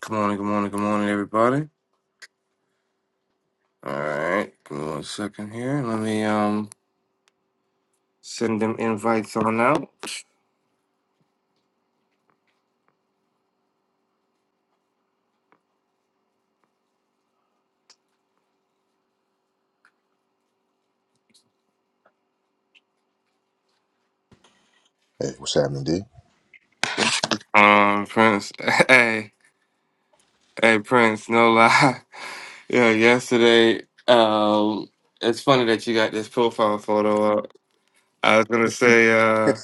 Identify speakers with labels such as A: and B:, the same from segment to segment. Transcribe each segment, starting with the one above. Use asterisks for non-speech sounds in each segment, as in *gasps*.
A: Good morning, good morning, good morning, everybody. All right, give me one second here. Let me um send them invites on out.
B: Hey, what's happening, D?
A: Um, Prince, *laughs* hey, hey, Prince, no lie. *laughs* Yeah, yesterday, um, it's funny that you got this profile photo up. I was gonna say uh,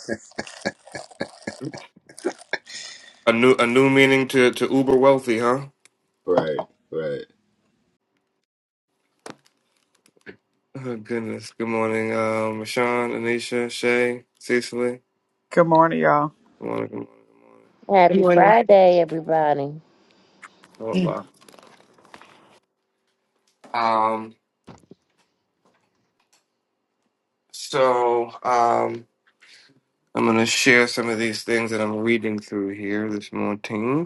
A: a new a new meaning to to uber wealthy, huh?
B: Right, right.
A: Oh goodness. Good morning, um, Rashawn, Anisha, Shay, Cecily.
C: Good morning, y'all.
A: Good morning, good morning,
D: Good
E: Happy
D: morning.
E: Friday, everybody.
A: good morning. No lie. Um, so um. I'm going to share some of these things that I'm reading through here this morning.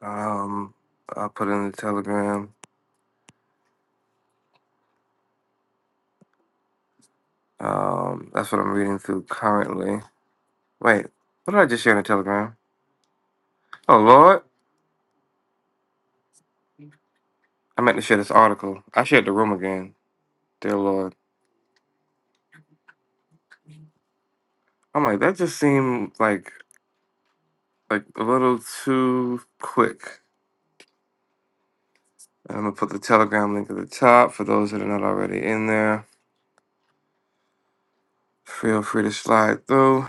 A: Um, I'll put in the Telegram. Um, that's what I'm reading through currently. Wait, what did I just share in the Telegram? Oh, Lord. I meant to share this article. I shared the room again. Dear Lord. I'm like, that just seemed like like a little too quick. And I'm going to put the Telegram link at the top for those that are not already in there. Feel free to slide through.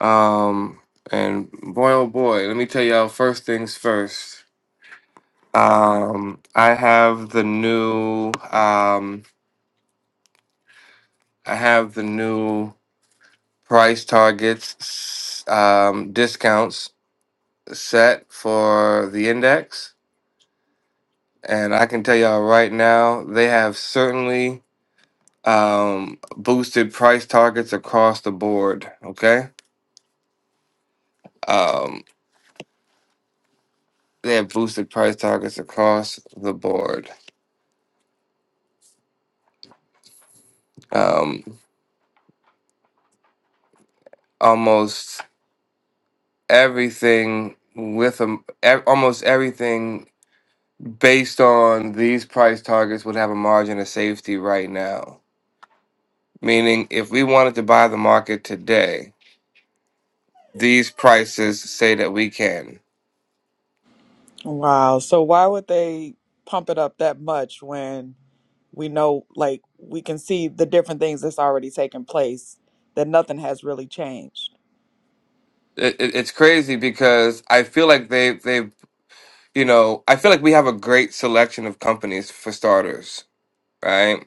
A: Um, and boy, oh boy, let me tell y'all first things first. Um, I have the new, um, I have the new price targets, s- um, discounts set for the index. And I can tell y'all right now, they have certainly, um, boosted price targets across the board. Okay. Um, they have boosted price targets across the board. Um, almost everything with a, ev- almost everything based on these price targets would have a margin of safety right now. Meaning, if we wanted to buy the market today, these prices say that we can.
C: Wow. So why would they pump it up that much when we know, like, we can see the different things that's already taken place, that nothing has really changed?
A: It, it, it's crazy because I feel like they they you know I feel like we have a great selection of companies for starters, right?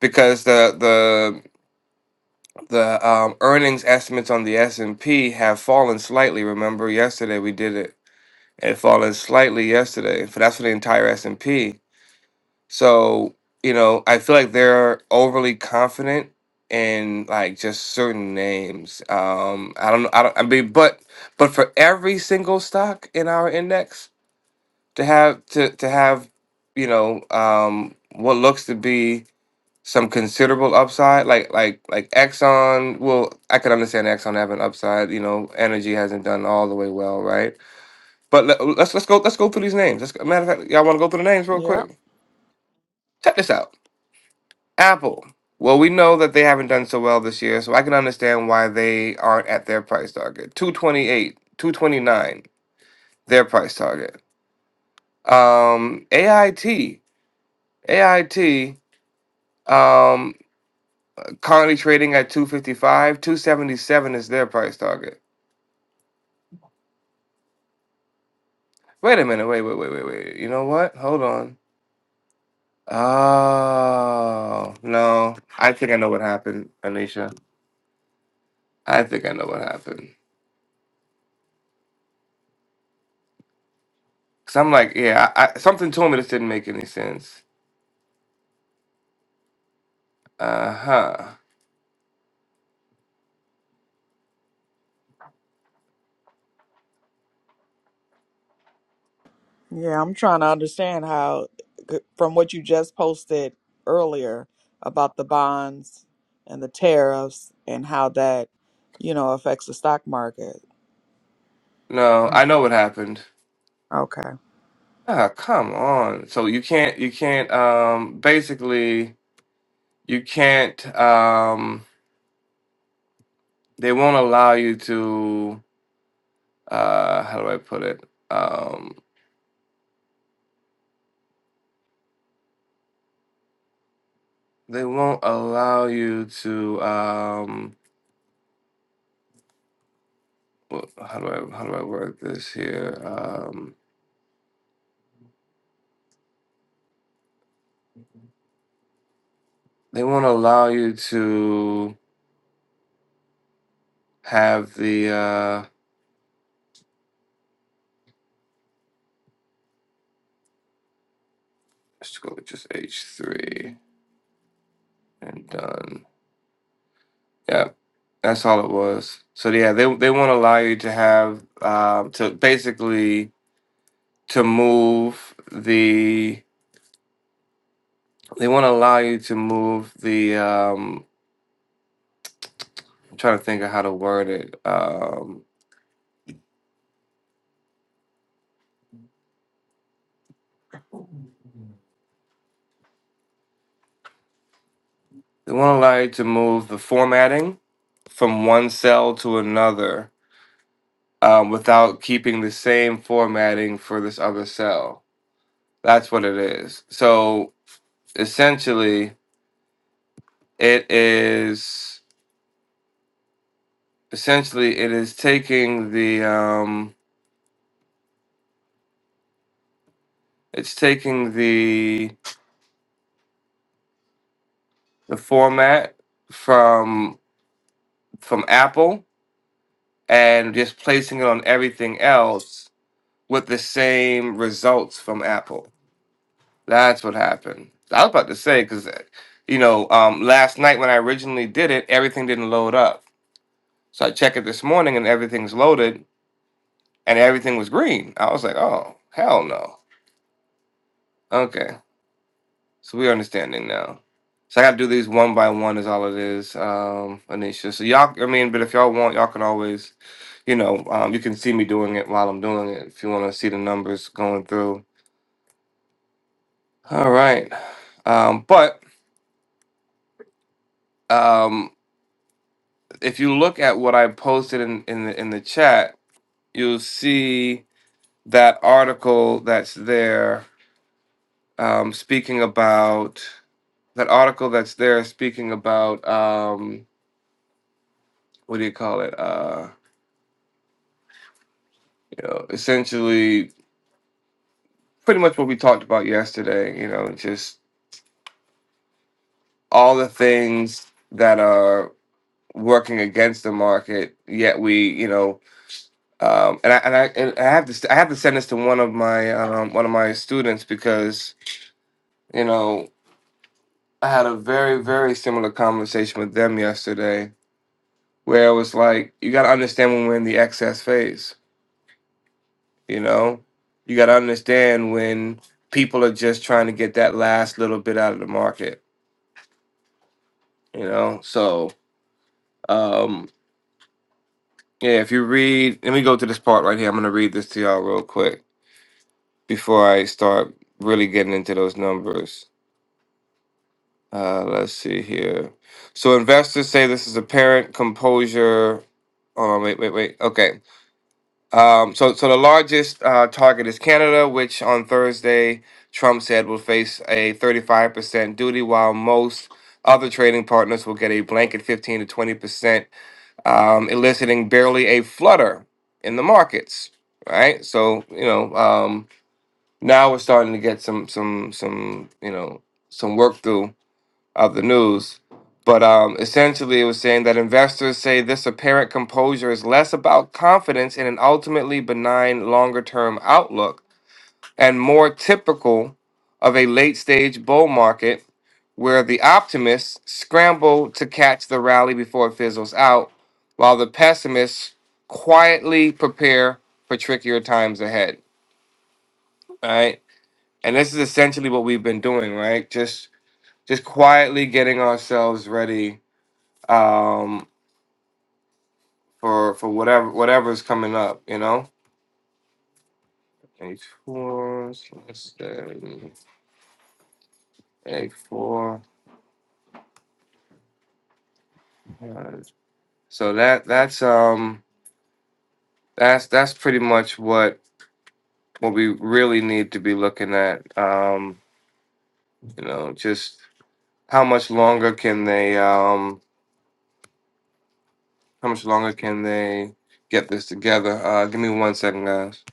A: Because the the the um, earnings estimates on the S and P have fallen slightly. Remember, yesterday we did it It had fallen slightly yesterday, but that's for the entire S&P. So, you know, I feel like they're overly confident in like just certain names. Um, I don't know. I don't. I mean, but but for every single stock in our index to have to to have, you know, um, what looks to be some considerable upside, like like like Exxon. Well, I could understand Exxon having upside. You know, energy hasn't done all the way well, right? But let, let's let's go let's go through these names. Let's, matter of fact, y'all want to go through the names real
C: Yeah.
A: quick. Check this out. Apple. Well, we know that they haven't done so well this year, so I can understand why they aren't at their price target. Two twenty eight, two twenty nine, their price target. Um, AIT, AIT, um, currently trading at two fifty five, two seventy seven is their price target. Wait a minute, wait, wait, wait, wait, wait. You know what? Hold on. Oh no, I think I know what happened, Anisha. I think I know what happened. Cause I'm like, yeah, I, I, something told me this didn't make any sense. Uh huh.
C: Yeah. I'm trying to understand how, from what you just posted earlier about the bonds and the tariffs and how that, you know, affects the stock market.
A: No,
C: Mm,
A: I know what happened.
C: Okay.
A: Ah, come on. So you can't, you can't. Um, basically, you can't. Um, they won't allow you to. Uh, how do I put it? Um, they won't allow you to. Um, wh- how do I how do I word this here? Um, they won't allow you to have the. uh, Let's go with just H three and done. Yeah, that's all it was. So yeah, they they want to allow you to have um to basically to move the they want to allow you to move the um I'm trying to think of how to word it. Um they want to allow you to move the formatting from one cell to another um, without keeping the same formatting for this other cell. That's what it is. So essentially It is essentially it is taking the um, it's taking the the format from from Apple and just placing it on everything else with the same results from Apple. That's what happened. I was about to say because you know um, last night when I originally did it, everything didn't load up. So I checked it this morning and everything's loaded and everything was green. I was like, oh hell no. Okay. So we're understanding now. So I got to do these one by one is all it is, um, Anisha. So y'all, I mean, but if y'all want, y'all can always, you know, um, you can see me doing it while I'm doing it if you want to see the numbers going through. All right, um, but um, if you look at what I posted in in the in the chat, you'll see that article that's there um, speaking about that article that's there speaking about um, what do you call it? Uh, you know, essentially pretty much what we talked about yesterday, you know, just all the things that are working against the market, yet we, you know, um, and I and I, and I have to st- I have to send this to one of my um, one of my students because you know I had a very very similar conversation with them yesterday where it was like you got to understand when we're in the excess phase, you know, you got to understand when people are just trying to get that last little bit out of the market you know so um yeah if you read let me go to this part right here i'm going to read this to y'all real quick before i start really getting into those numbers uh let's see here so investors say this is apparent composure Hold on, wait, wait, wait. Okay. Um, so, so the largest uh, target is Canada, which on Thursday Trump said will face a 35% duty, while most other trading partners will get a blanket 15 to 20% um, eliciting barely a flutter in the markets. Right, so you know um, now we're starting to get some some some you know some work through of the news, but um, essentially it was saying that investors say this apparent composure is less about confidence in an ultimately benign longer term outlook and more typical of a late stage bull market where the optimists scramble to catch the rally before it fizzles out, while the pessimists quietly prepare for trickier times ahead. All right. And this is essentially what we've been doing, right? Just just quietly getting ourselves ready um for for whatever whatever's coming up, you know? H four, eight four. So that that's um that's that's pretty much what what we really need to be looking at. Um, you know, just how much longer can they um how much longer can they get this together? Uh give me one second, guys.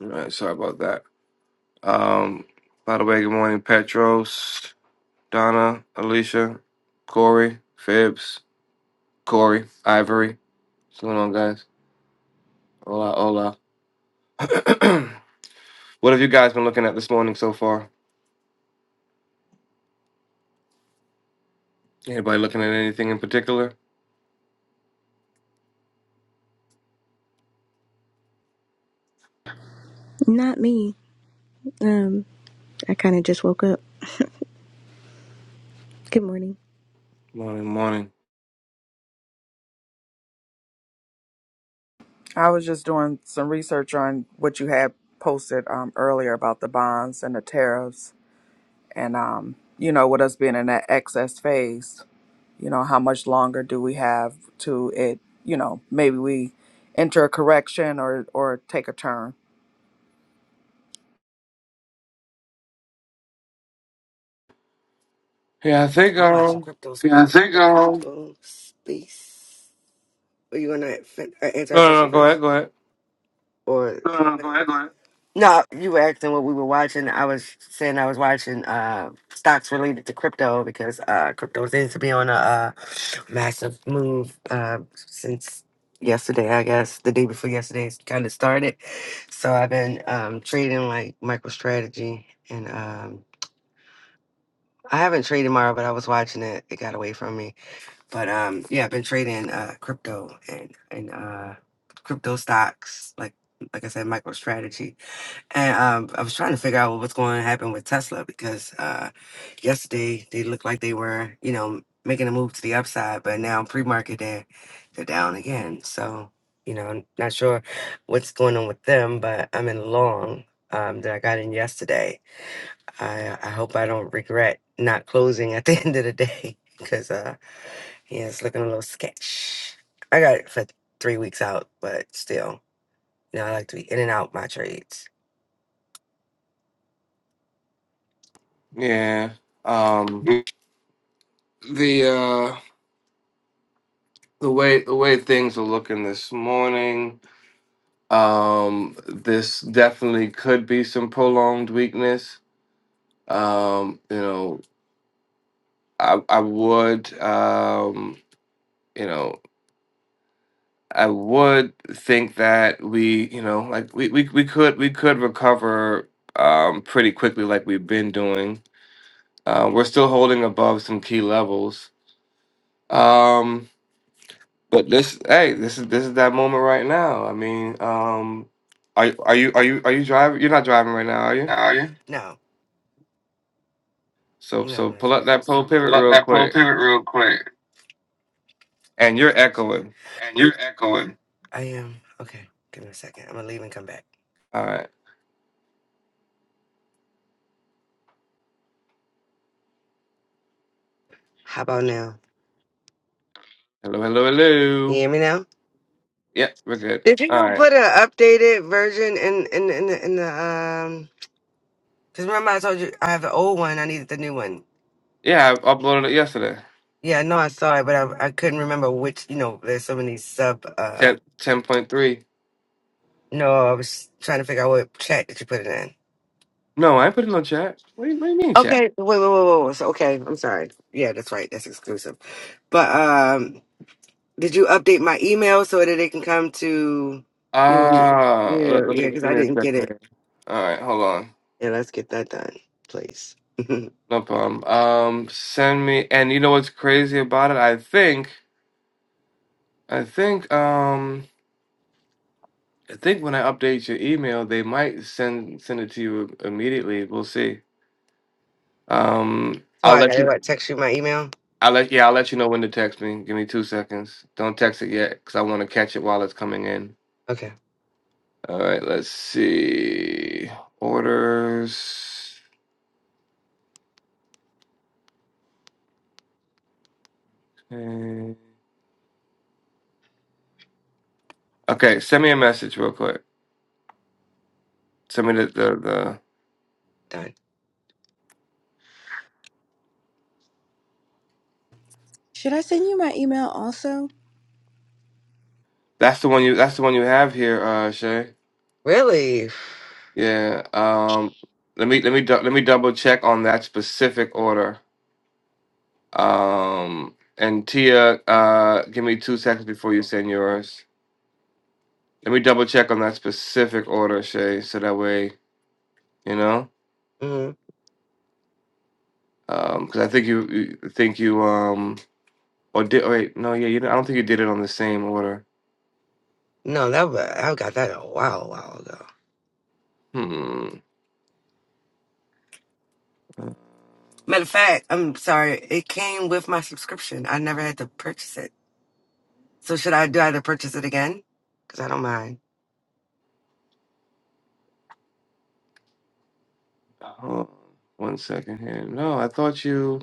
A: All right, sorry about that. Um by the way, good morning, Petros, Donna, Alicia, Corey, Phibbs, Corey, Ivory. What's going on guys? Hola, hola. *clears throat* what have you guys been looking at this morning so far? Anybody looking at anything in particular?
F: Not me. Um, I kind of just woke up. Good morning.
A: Morning, morning.
C: I was just doing some research on what you had posted um, earlier about the bonds and the tariffs. and um, you know, with us being in that excess phase, you know, how much longer do we have to it? You know, maybe we enter a correction or or take a turn.
A: Yeah, I think
D: I'm watching
A: um
D: Crypto Space. Fiance gone. Crypto Space. Are you gonna fin- uh, answer our
A: no no,
D: question
A: no go ahead,
D: first,
A: go ahead.
D: or Uh, go ahead, go ahead. no? You were asking what we were watching. I was saying I was watching uh, stocks related to crypto because uh, crypto seems to be on a uh, massive move uh, since yesterday. I guess the day before yesterday it's kind of started. So I've been um, trading like MicroStrategy, and um, I haven't traded Mara, but I was watching it. It got away from me. But um, yeah, I've been trading uh crypto and and uh crypto stocks like like I said, MicroStrategy. And um, I was trying to figure out what's going to happen with Tesla because uh, yesterday they looked like they were, you know, making a move to the upside, but now pre-market they're they're down again. So you know, I'm not sure what's going on with them, but I'm in long um, that I got in yesterday. I I hope I don't regret not closing at the *laughs* end of the day because. uh, yeah, it's looking a little sketch. I got it for three weeks out, but still, you know, I like to be in and out my trades.
A: Yeah. Um
D: Mm,
A: the uh the way the way things are looking this morning, um this definitely could be some prolonged weakness. Um, you know, I I would um you know I would think that we, you know, like we, we, we could we could recover um pretty quickly like we've been doing Uh, we're still holding above some key levels. Um, but this, hey, this is this is that moment right now. I mean, um, are are you are you are you driving? You're not driving right now, are you?
D: Are you? No,
A: So
D: no,
A: so
D: I'm not
A: pull
D: driving.
A: up
D: So So
A: that pole
D: so
A: pivot
D: pull up
A: real
D: that pole
A: quick,
D: pivot real quick.
A: and you're echoing.
D: And you're echoing. I am okay. Give me a second. I'm gonna leave and come back.
A: All right,
D: How about now?
A: hello, hello,
D: Can you
A: hello.
D: hear me now?
A: Yep, we're good.
D: Did
A: All
D: you
A: right,
D: put an updated version in in in the, in the um? Because remember I told you I have the old one. I needed the new one.
A: yeah, I uploaded it yesterday.
D: Yeah, no, I saw it, but I I couldn't remember which. You know, there's so many sub. uh.
A: Ten ten point three.
D: No, I was trying to figure out what chat that you put it in.
A: No, I ain't putting it no chat. What do you, what do you mean chat?
D: Okay, wait, wait, wait, wait. wait. So, okay, I'm sorry. Yeah, that's right. That's exclusive. But um, did you update my email so that it can come to? You know,
A: Ah, uh,
D: yeah,
A: let, let me
D: yeah, because
A: give
D: I
A: me a
D: didn't get
A: second
D: it.
A: here. All right, hold on.
D: Yeah, let's get that done, please. *laughs* so
A: No problem. Um, send me, and you know what's crazy about it? I think, I think, um, I think when I update your email, they might send send it to you immediately. We'll see. Um, I'll
D: I
A: let
D: gotta
A: you.
D: what, text you my email.
A: I'll let yeah. I'll let you know when to text me. Give me two seconds. Don't text it yet, cause I want to catch it while it's coming in.
D: Okay,
A: All right. Let's see. Orders. Okay. Okay, Send me a message real quick. Send me the the, the
D: done.
F: Should I send you my email also?
A: that's the one you that's the one you have here, uh, Shay.
D: Really?
A: Yeah. Um. Let me let me dou- let me double check on that specific order. Um. And Tia, uh, give me two seconds before you send yours. Let me double check on that specific order, Shay, so that way you know.
D: hmm
A: Um. Because I think you, you I think you um or did oh, wait no yeah you don't- I don't think you did it on the same order.
D: No, that was, I got that a while, while ago.
A: Hmm. Uh,
D: Matter of fact, I'm sorry. It came with my subscription. I never had to purchase it. So should I do I have to purchase it again? Because I don't mind.
A: hold on one second here. No, I thought you.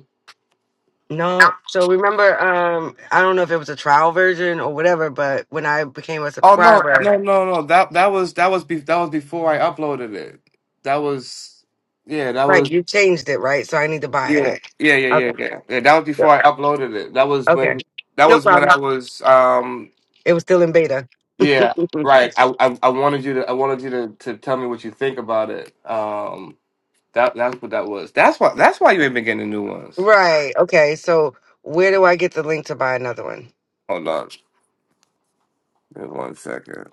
D: No. So remember, um, I don't know if it was a trial version or whatever, but when I became a
A: Oh no,
D: subscriber,
A: no, no, no. That that was that was be, that was before I uploaded it. That was yeah, that
D: right,
A: was
D: you changed it, right? So I need to buy it.
A: yeah, yeah, yeah, yeah,
D: Okay.
A: yeah. Yeah, that was before
D: Yep.
A: I uploaded it. That was
D: Okay.
A: when that
D: No
A: was when I
D: problem.
A: was um
D: It was still in beta.
A: yeah, right.
D: *laughs*
A: I I, I wanted you to I wanted you to, to tell me what you think about it. Um that that's what that was. That's why that's why you ain't been getting new ones.
D: right. Okay. So where do I get the link to buy another one?
A: Hold on. Give me One second.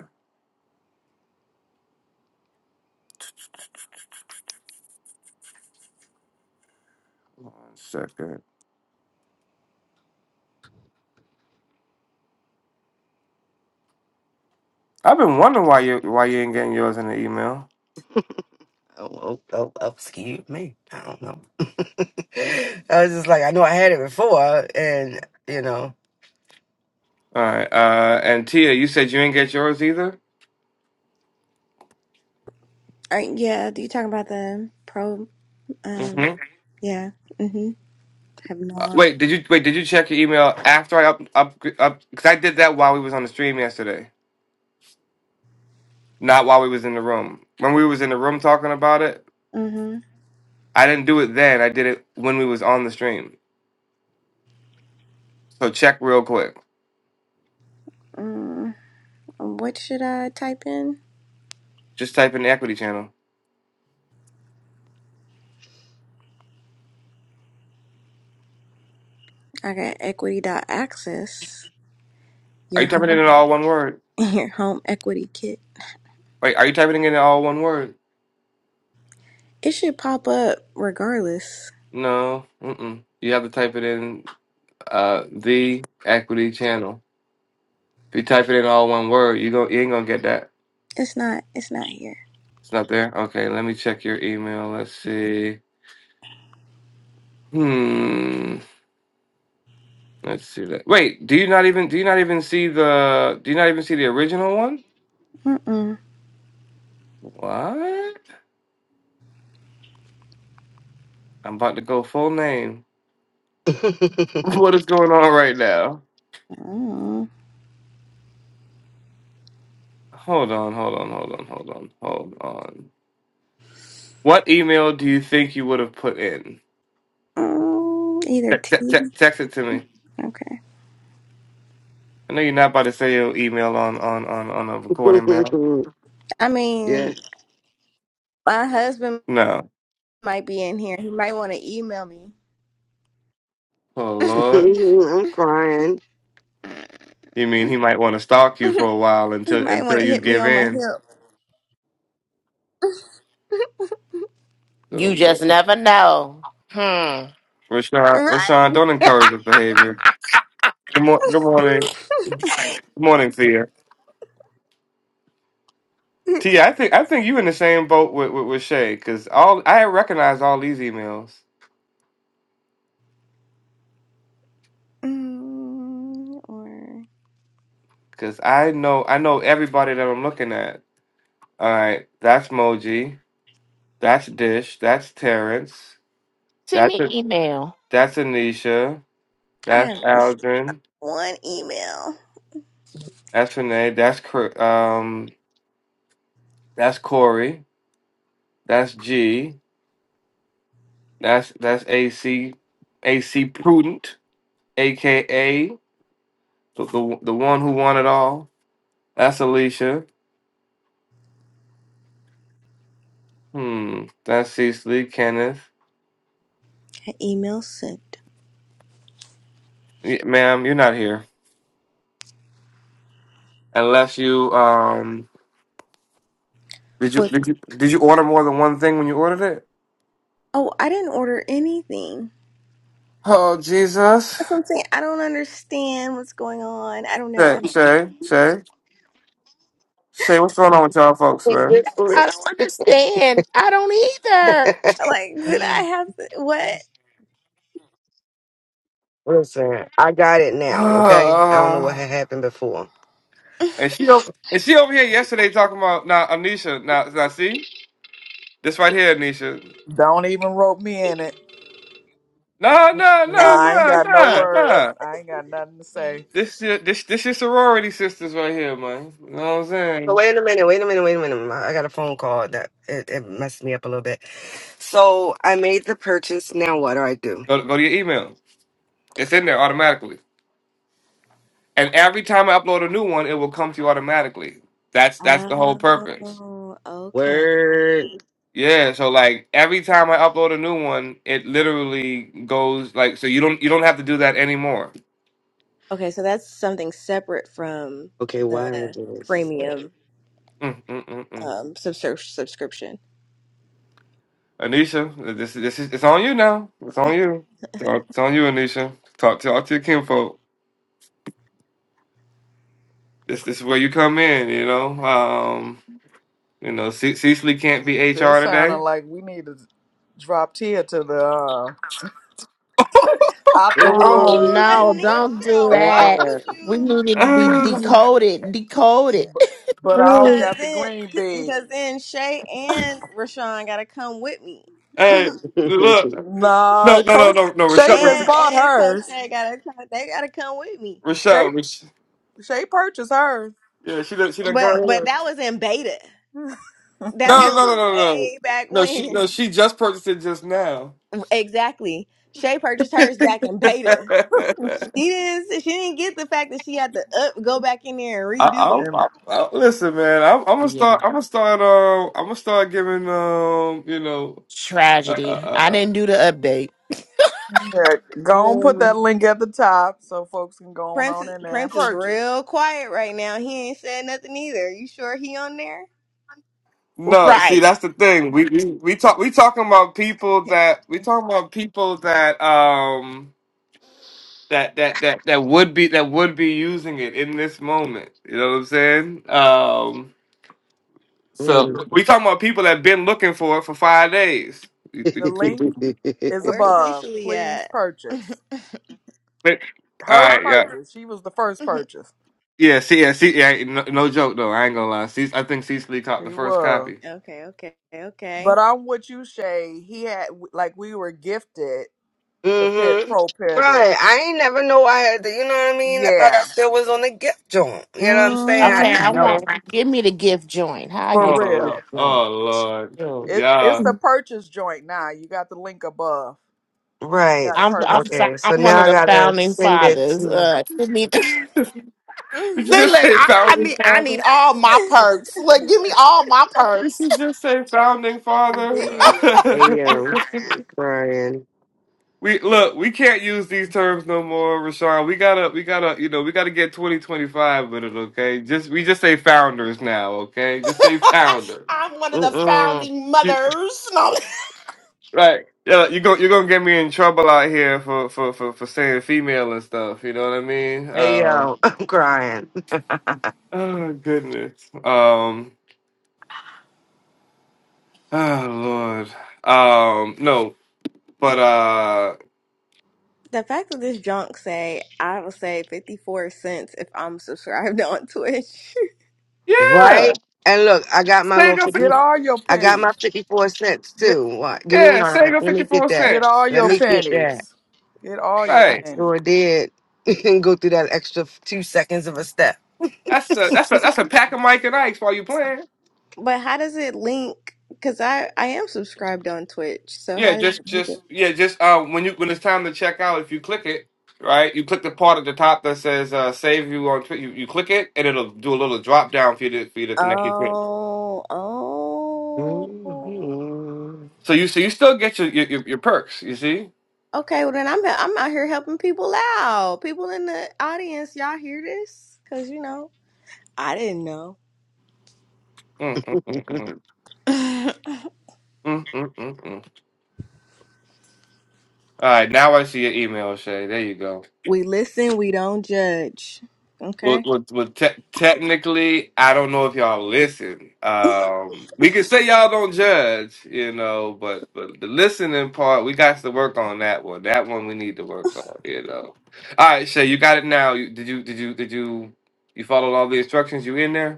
A: One second. I've been wondering why you why you ain't getting yours in the email.
D: Oh, oh, oh, oh, excuse me. I don't know. *laughs* I was just like, I know I had it before, and you know.
A: All right. Uh, and Tia, you said you didn't get yours either.
F: Or yeah, you talking about the pro? Um,
A: Mm-hmm.
F: yeah. Mhm. Have
A: Uh,
F: not.
A: wait, did you wait? Did you check your email after I up up up? Because I did that while we was on the stream yesterday, not while we was in the room. When we was in the room talking about it,
F: Mhm.
A: I didn't do it then. I did it when we was on the stream. So check real quick.
F: Mm, what should I type in?
A: Just type in the equity channel.
F: I got equity.access.
A: Are
F: Your
A: you typing it in
F: home. *laughs*
A: all one word?
F: Your home equity kit.
A: Wait, are you typing it in all one word?
F: It should pop up regardless.
A: No. Mm-mm. You have to type it in uh the equity channel. If you type it in all one word, you go you ain't gonna get that.
F: It's not. It's not here.
A: It's not there? Okay, let me check your email. Let's see. Hmm. Let's see that. Wait, do you not even do you not even see the do you not even see the original one?
F: Mm-mm.
A: What? I'm about to go full name. *laughs* What is going on right now?
F: Mm-mm.
A: Hold on, hold on, hold on, hold on, hold on. What email do you think you would have put in?
F: Mm, Either
A: Text,
F: T.
A: text, text, text it to me.
F: Okay.
A: I know you're not about to say your email on on on on a recording, man.
D: *laughs*
F: I mean,
D: Yeah.
F: my husband.
A: No.
F: might be in here. He might want to email me.
A: Oh
D: *laughs*
A: Lord.
D: I'm crying.
A: You mean he might want to stalk you for a while
F: He
A: until
F: might
A: until
F: want to
A: you
F: hit me
A: give
F: on my
A: in.
F: hip.
E: You
A: So,
E: just never know. Hmm.
A: Rashawn,
F: Right?
A: Rashawn, don't encourage this behavior. Good, mor- good morning,
F: *laughs*
A: good morning, Thea. T, I think I think you in the same boat with with, with Shay because all I recognize all these emails
F: Mm, or
A: because I know I know everybody that I'm looking at. All right, that's Moji, that's Dish, that's Terrence,
E: Send
A: that's
E: me email.
A: that's Anisha,
F: I
A: that's
F: have this
A: Aldrin,
F: one email.
A: that's Renee, that's Cor- um that's Corey, that's G, That's that's AC AC Prudent, aka the, the the one who won it all. That's Alicia. Hmm. That's Cecily Kenneth.
F: An email sent.
A: Y- ma'am, you're not here unless you um. Did you
F: With,
A: did you did you order more than one thing when you ordered it?
F: oh, I didn't order anything.
A: Oh Jesus!
F: That's what I'm saying. I don't understand what's going on. I don't know.
A: Shay
F: *laughs*
A: Shay Shay Shay, what's going on with y'all folks,
D: He
A: man?
D: just
E: I
D: lit.
E: don't
D: *laughs*
E: understand. I don't either.
F: Like, did I have to, what?
D: Listen, I got it
A: *sighs*
D: now, okay? I don't know what
A: Ah.
D: had happened before.
A: and she over and she over here yesterday talking about now Anisha now now see this right here Anisha
C: Don't even rope me in it.
A: Nah, nah,
C: No,
A: nah,
C: I ain't
A: nah,
C: got no
A: nah,
C: words.
A: nah.
C: I ain't got nothing to say.
A: This your this this your sorority sisters right here, man. You know what I'm
D: So
A: saying?
D: wait a minute, wait a minute, wait a minute. I got a phone call that it, it messed me up a little bit. So I made the purchase. Now what do I do?
A: Go go to your email. It's in there automatically. And every time I upload a new one, it will come to you automatically.
F: *laughs*
A: That's that's the whole purpose.
F: oh, okay.
D: Word.
A: Yeah, so like every time I upload a new one, it literally goes like so you don't you don't have to do that anymore.
F: Okay, so that's something separate from
D: Okay, why did I
F: the
D: do this?
F: premium
A: Mm, mm, mm, mm.
F: um subsur- subscription.
A: Anisha, this this is it's on you now. It's on you. It's on, it's on you, Anisha. Talk talk to your kinfolk. This this is where you come in, you know. Um, you know, Ce- Cecily can't be HR
C: This sounding
A: today.
C: like we need to drop Tia to the uh,
A: *laughs*
C: out the
E: Oh
C: room,
F: Oh,
D: Ooh,
E: no, don't do
F: Anisha, why
E: that.
D: yeah.
F: would
E: We
F: you?
E: need it to be decoded. Decoded.
C: but I don't
F: Because
C: got the
F: then,
C: green bean.
F: because then Shay and Rashawn gotta come with me,
A: hey,
D: *laughs*
A: look, no,
C: No,
A: no, no,
C: Coach
A: no, no, Rashad,
C: Shay just
F: and
C: bought
F: and Coach
C: hers.
F: Shay gotta come. They gotta come with me.
C: Shay
A: Rashad, Rash-
C: Shay purchased hers.
A: yeah, she done, she done
F: But
A: got
F: but
A: her.
F: that was in beta.
C: *laughs*
F: That
A: No, no,
F: was
A: no, no, no,
F: way back
A: no, she,
F: when.
A: no, she just purchased it just now.
F: Exactly. Shay purchased
A: *laughs*
F: hers back in beta. She didn't. She didn't get the fact that she had to up, go back in there
A: I,
F: and redo
A: I,
F: it.
C: And
A: I, I, listen, man. I'm, I'm gonna
E: Yeah.
A: start. I'm gonna start. Um, I'm gonna start giving. Um, you know. Uh,
E: Tragedy. I
A: uh,
E: didn't do the update.
C: Yeah,
A: uh,
C: go and put
A: uh,
C: that link at the top so folks can go on,
F: Prince
C: on
F: is
C: in there and
F: Prince is
C: purchase.
F: real quiet right now. He ain't said nothing either. You sure he on there?
A: No, see
E: Right.
A: that's the thing. We we, we talk we talking about people that we talking about people that um that that that that would be that would be using it in this moment. You know what I'm saying? Um
D: Mm.
A: so we talking about people that been looking for it for 5 days. *laughs*
C: The link
D: *laughs*
C: is
F: Where's
C: above.
F: Cecily
C: Please
F: at? *laughs*
C: purchase.
A: But- All
C: Hers
A: right, yeah.
C: purchase. She was the first
F: okay,
C: purchase.
A: Yeah, see, yeah, see, yeah, no, no joke though. I ain't gonna lie. See, I think Cecily caught the
C: She
A: first
C: was.
A: copy.
F: okay,
C: But
F: okay.
C: I'm with you, Shay. He had like we were gifted the pit
D: hmm
C: pro pivot.
D: Right. I ain't never know I had the, you know what I mean? I thought I
C: Yeah.
D: still was on the gift joint. You know what I'm saying? I
E: Okay,
C: Mm-hmm.
E: I
D: didn't know.
E: want
A: No.
E: give me the gift joint. How I
C: For
A: Oh,
E: get the gift
A: Lord.
C: real.
E: joint.
A: oh, Lord,
E: Sure.
C: It it's
A: yeah.
C: the
E: I'm
C: purchase joint now. You got the link above. You
D: Right.
C: gotta
E: I'm
C: purchase it.
E: fa-
D: Okay. So
E: I'm one
D: now
E: of
D: I
E: the
D: gotta
E: founding
D: send it
E: fathers.
D: to
E: Uh, send me
A: *laughs*
E: the
A: Did you
E: Look,
A: just
E: look,
F: Mhm.
A: say
E: I, I
A: founding
E: need I
A: father?
E: need all my perks. Look, give me all my
A: We
E: perks.
A: should just say founding father?
E: *laughs*
F: Indeed.
D: AM. I'm crying.
A: *laughs* we look, we can't use these terms no more, Rashawn. We gotta, we gotta, you know, we gotta get twenty twenty five with it, okay? Just we just say founders now, okay? Just say founder.
E: I'm one of the
D: Mm-mm.
E: founding
A: You,
E: mothers.
A: right? Yeah, you go, you're gonna get me in trouble out here for for for for saying female and stuff. You know what I mean? Uh,
D: AM. *laughs* I'm crying.
A: oh goodness. Um. Oh Lord. Um. No, but uh.
F: The fact that this junk say I will say fifty four cents if I'm subscribed *laughs* on Twitch.
A: Yeah.
D: Right? And look, I got my little
A: Sega.
C: Get
D: 50,
C: all your
D: I got my
C: pennies.
D: 54 cents too. What? Give me
A: Yeah,
D: mine.
A: Sega
D: Let
A: fifty
D: me get
A: four
D: that.
C: Get
A: cents.
C: all
D: Let
C: your
D: me get that.
C: pennies. Get all your
D: I
A: Right.
C: pennies.
D: sure did *laughs* go through that extra two seconds of a step.
A: That's the that's a that's a pack of Mike and Ike's while you playing.
F: but how does it link? Because I I am subscribed on Twitch, so
A: Yeah,
F: how does
A: just
F: it link it?
A: just yeah, just uh when you when it's time to check out, if you click it, right, you click the part at the top that says uh save you on Twitter. you, you click it and it'll do a little drop down for you to for you to connect your Twitch.
F: Oh, oh.
D: hmm
A: So you so you still get your your, your, your perks, you see?
F: Okay, well then I'm I'm out here helping people out. People in the audience, y'all hear this? Cause you know I didn't know.
A: Mm, mm, mm, mm.
D: *laughs*
F: *laughs*
A: Mm, mm, mm, mm. All right, now I see your email, Shay. There you go.
F: We listen, we don't judge.
A: Well,
F: Okay?
A: well, well te- technically, I don't know if y'all listen. Um, we can say y'all don't judge, you know, but but the listening part, we got to work on that one. That one we need to work on, you know. All right, Shay, you got it now. You, did you did you did you you followed all the instructions? You in there?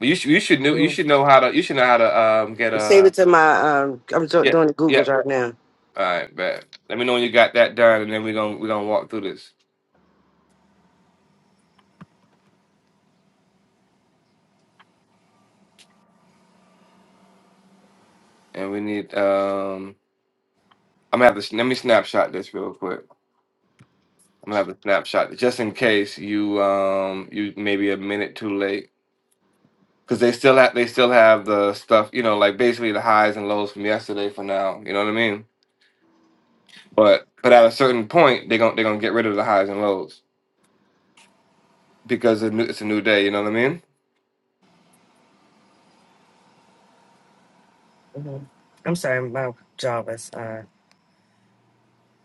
A: You should you should know you
D: Mhm.
A: should know how to you should know how to um get
D: Save it
A: a
D: to my. Um, I'm do-
A: yeah
D: doing the
A: yeah.
D: Googles right now.
A: All right, bet. Let me know when you got that done, and then we are gonna we are gonna walk through this. And we need um I'm gonna have to s- let me snapshot this real quick. I'm gonna have a snapshot just in case you um you maybe a minute too late because they still have they still have the stuff you know like basically the highs and lows from yesterday for now you know what I mean but but at a certain point they gon' they're gonna get rid of the highs and lows because it's a new, it's a new day you know what I mean
D: Mhm. I'm sorry, my job is uh,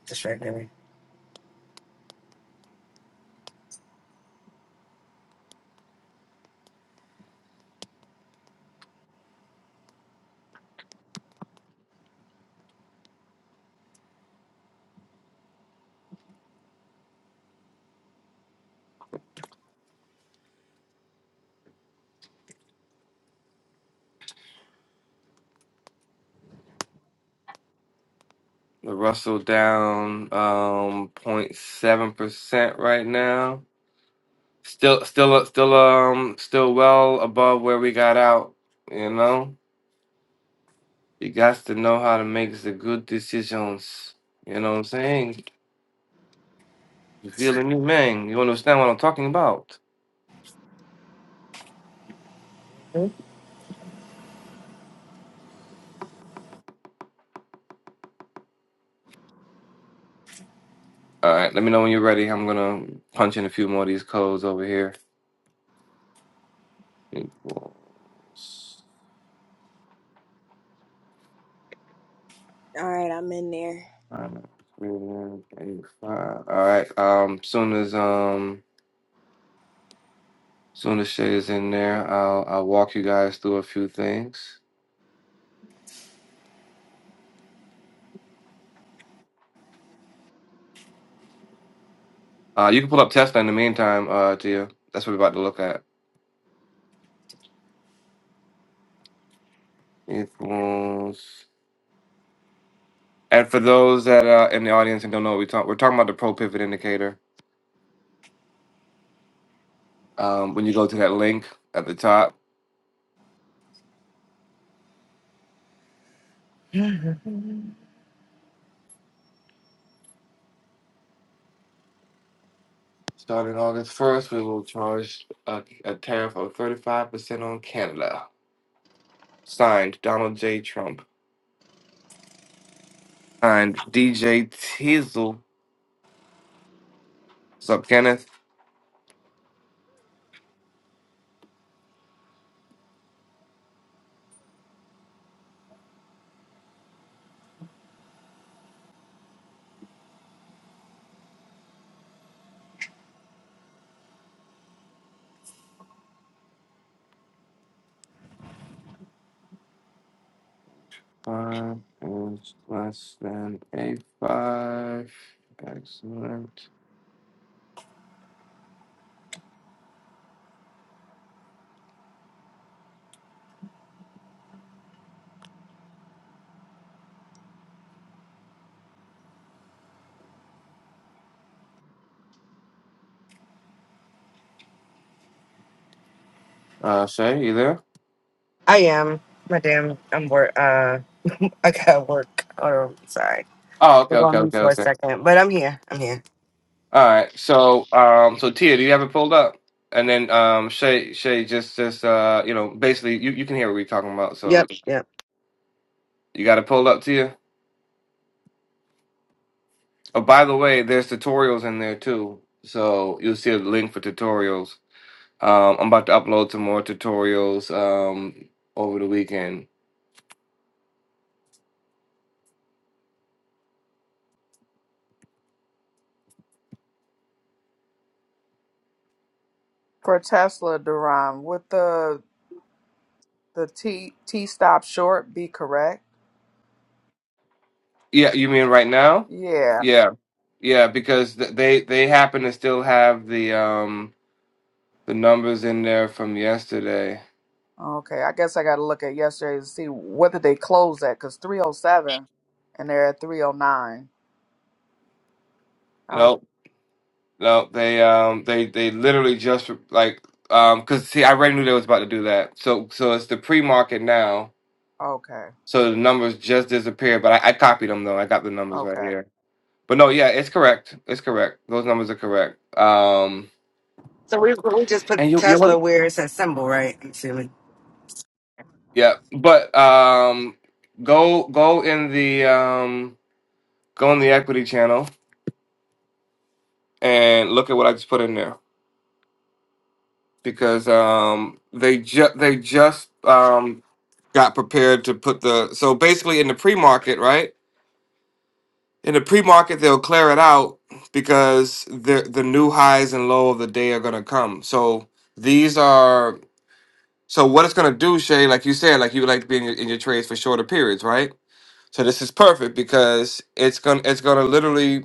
D: distracting
A: the Russell down um point seven percent right now still still still um still well above where we got out you know You got to know how to make the good decisions. You know what I'm saying? You feeling me, man? You understand what I'm talking about? All right, let me know when you're ready. I'm gonna punch in a few more of these codes over here. Equals
F: All right, I'm in there.
A: nine, three, eight, five. All right. Um, soon as um, soon as Shay is in there, I'll I'll walk you guys through a few things. Uh, you can pull up Tesla in the meantime, uh, Gia. That's what we're about to look at. Equals. And for those that are in the audience and don't know what we talk, we're talking about the pro pivot indicator. Um, when you go to that link at the top,
D: me.
A: starting August first, we will charge a, a tariff of thirty five percent on Canada. Signed, Donald J. Trump. Signed, DJ Teasel. What's up, Kenneth? Five is less than a five. Excellent. Uh, Shay, you there?
D: *gasps* I am. My damn, I'm work. Uh, *laughs* I got work. Hold on, sorry.
A: Oh, okay,
D: We're
A: okay,
D: going to mute
A: okay,
D: for a
A: okay.
D: second, but I'm here. I'm here.
A: All right. So, um, so Tia, do you have it pulled up? And then, um, Shay, Shay, just, just, uh, you know, basically, you, you can hear what we're talking about. So
D: Yep, yep.
A: you got it pulled up, Tia. Oh, by the way, there's tutorials in there too. So you'll see a link for tutorials. Um, I'm about to upload some more tutorials, um, over the weekend.
C: For Tesla, Duran, with the the T T stop short be correct?
A: Yeah, you mean right now?
C: Yeah.
A: Yeah, yeah, because th- they they happen to still have the um the numbers in there from yesterday.
C: Okay. I guess I got to look at yesterday to see whether they closed at because 307 and they're at 309. I was
A: Nope. No, they um they they literally just like um because see I already knew they was about to do that. So so it's the pre market now.
C: okay.
A: So the numbers just disappeared, but I, I copied them though. I got the numbers right
C: Okay.
A: here. But no, yeah, it's correct. It's correct. Those numbers are correct. Um
D: So we we just put
A: and you you
D: Tesla
A: want
D: where it says symbol, right? I'm assuming.
A: yeah, but um go go in the um go in the equity channel and look at what I just put in there because um they just they just um got prepared to put the so basically in the pre-market, right? In the pre-market, they'll clear it out because the the new highs and low of the day are gonna come. So these are so what it's gonna do, Shay. Like you said, like you like to be in your, in your trades for shorter periods, right? So this is perfect because it's gonna it's gonna literally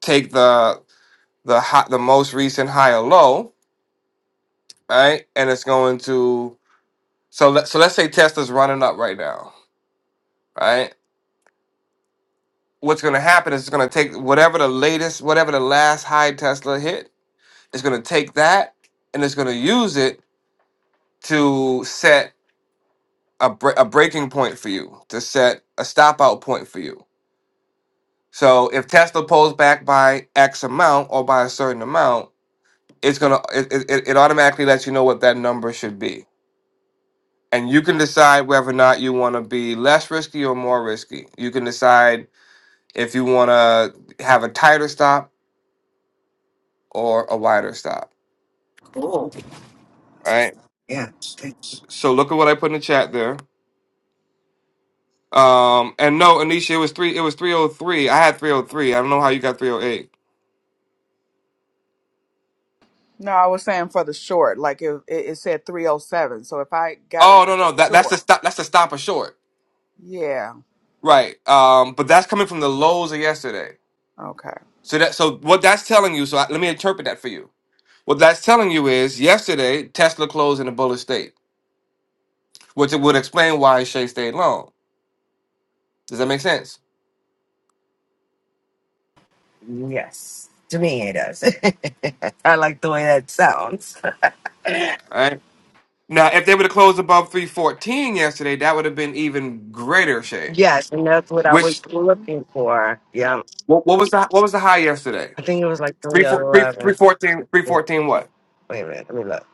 A: take the the hot the most recent high or low, right? And it's going to so let so let's say Tesla's running up right now, right? what's going to happen is it's going to take whatever the latest, whatever the last high Tesla hit, it's going to take that and it's going to use it to set a, bre- a breaking point for you, to set a stop out point for you. So if Tesla pulls back by X amount or by a certain amount, it's going to, it, it, it it automatically lets you know what that number should be. And you can decide whether or not you want to be less risky or more risky. You can decide if you want to have a tighter stop or a wider stop
D: Cool.
A: All right.
D: Yeah.
A: So look at what I put in the chat there. Um, and no, Anisha, it was three. It was three oh three. I had three oh three. I don't know how you got three oh eight.
C: No, I was saying for the short, like it, it, it said 307. So if I got
A: Oh
C: into
A: no,
C: a
A: no, that that's the
C: short,
A: stop. That's the stopper short,
C: yeah.
A: right? Um, but that's coming from the lows of yesterday.
C: Okay.
A: So that so what that's telling you. So I, let me interpret that for you. What that's telling you is yesterday Tesla closed in a bullish state, which it would explain why Shea stayed long. Does that make sense?
D: Yes. To me, it does. *laughs* I like the way that sounds.
A: Right. Now, if they would have closed above three fourteen yesterday, that would have been even greater Shea.
D: Yes, and that's what I
A: Which
D: was looking for. Yeah.
A: What, what was the what was the high yesterday?
D: I think it was like
A: Three four three three
D: 311.
A: fourteen three
D: Wait
A: fourteen what?
D: wait a minute, let me look.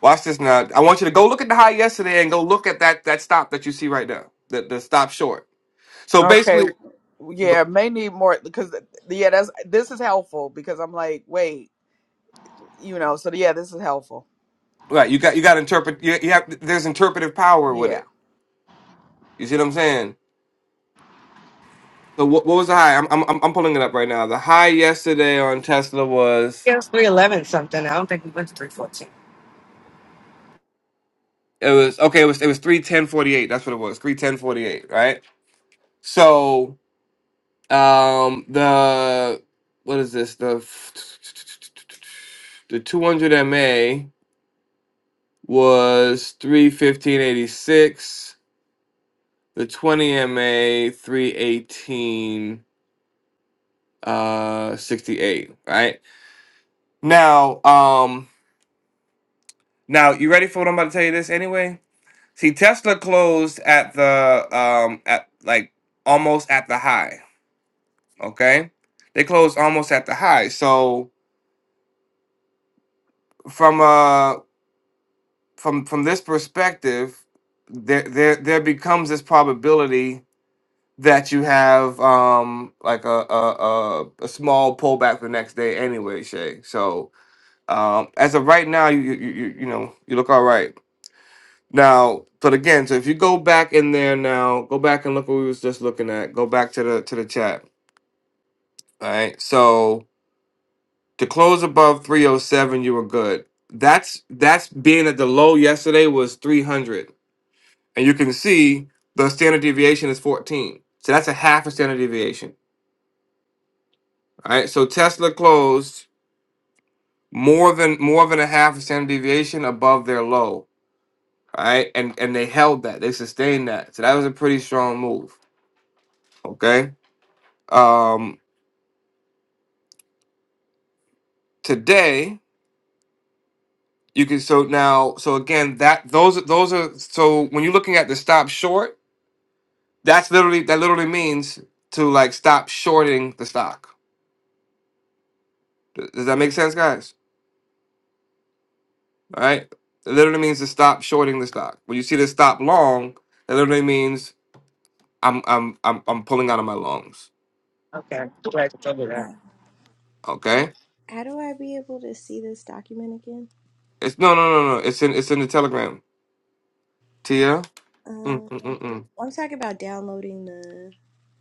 A: Watch this now. I want you to go look at the high yesterday and go look at that that stop that you see right now. The the stop short. So
C: Okay.
A: basically, go-
C: Yeah, may need more because yeah, that's this is helpful because I'm like, wait, you know, so yeah, this is helpful.
A: right? You got you got interpret. You, you have there's interpretive power with
C: Yeah.
A: it. You see what I'm saying? So what what was the high? I'm I'm I'm I'm pulling it up right now. The high yesterday on Tesla was
D: Yeah, it was 311 something. I don't think we went to 314.
A: it was okay. It was it was three ten forty eight. That's what it was. Three ten forty eight. Right. So Um, the what is this? The the 200 MA was 315.86. The 20 MA 318 uh 68, right? Now, um now you ready for what I'm about to tell you this anyway? See, Tesla closed at the um at like almost at the high, okay? They closed almost at the high. So, from uh from from this perspective, there there there becomes this probability that you have um like a a a, a small pullback the next day anyway, Shay. So um as of right now, you you you you know you look all right now. But again, so if you go back in there now, go back and look what we was just looking at. Go back to the to the chat. All right, so to close above three hundred seven, you were good. That's that's being at the low yesterday was three hundred. and you can see the standard deviation is 14. So that's a half a standard deviation. All right. So Tesla closed more than more than a half a standard deviation above their low. All right. And and they held that. They sustained that. So that was a pretty strong move. Okay. Um today you can so now so again that those those are so when you're looking at the stop short, that's literally that literally means to like stop shorting the stock. Does does that make sense, guys? All right. It literally means to stop shorting the stock. When you see the stop long, that literally means I'm I'm I'm I'm pulling out of my lungs.
D: Okay, glad you told me that.
F: Uh,
A: Okay?
F: How do I be able to see this document again?
A: It's no no no no. It's in it's in the telegram. Tia? Mm,
F: Um,
A: mm, mm, mm.
F: I'm talking about downloading the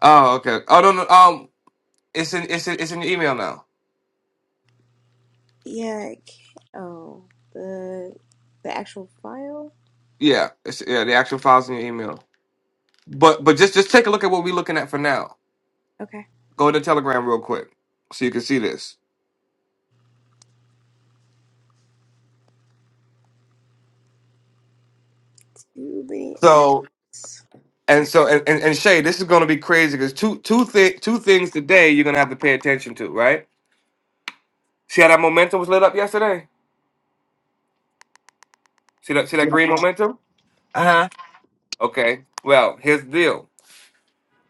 A: Oh, okay. Oh no no um it's in it's in, it's in your email now.
F: yeah, I can't- oh, the the actual file.
A: Yeah. It's yeah, the actual files in your email. But but just just take a look at what we're looking at for now.
F: Okay.
A: Go to Telegram real quick so you can see this.
F: Too many
A: So
F: apps.
A: and so and, and, and Shay, this is gonna be crazy because two two thi- two things today you're gonna have to pay attention to, right? See how that momentum was lit up yesterday? See that see that
D: Yeah.
A: green Yeah. momentum?
D: Uh huh.
A: Okay. Well, here's the deal.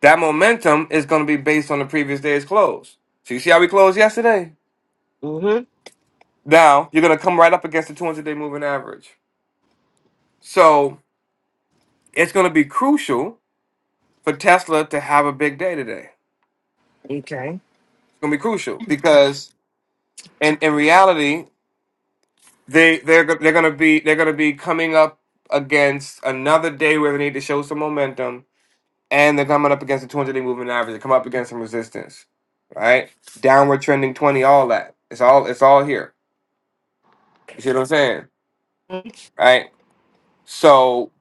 A: That momentum is gonna be based on the previous day's close. So you see how we closed yesterday?
D: Mm hmm.
A: Now you're gonna come right up against the 200 day moving average. So it's gonna be crucial for Tesla to have a big day today. It's
D: Okay.
A: gonna be crucial because in, in reality, they they're go- they're gonna be they're gonna be coming up against another day where they need to show some momentum and they're coming up against the 200 day moving average. They come up against some resistance, right? Downward trending 20, all that. It's all it's all here. You see what I'm saying,
D: Mm,
A: right? So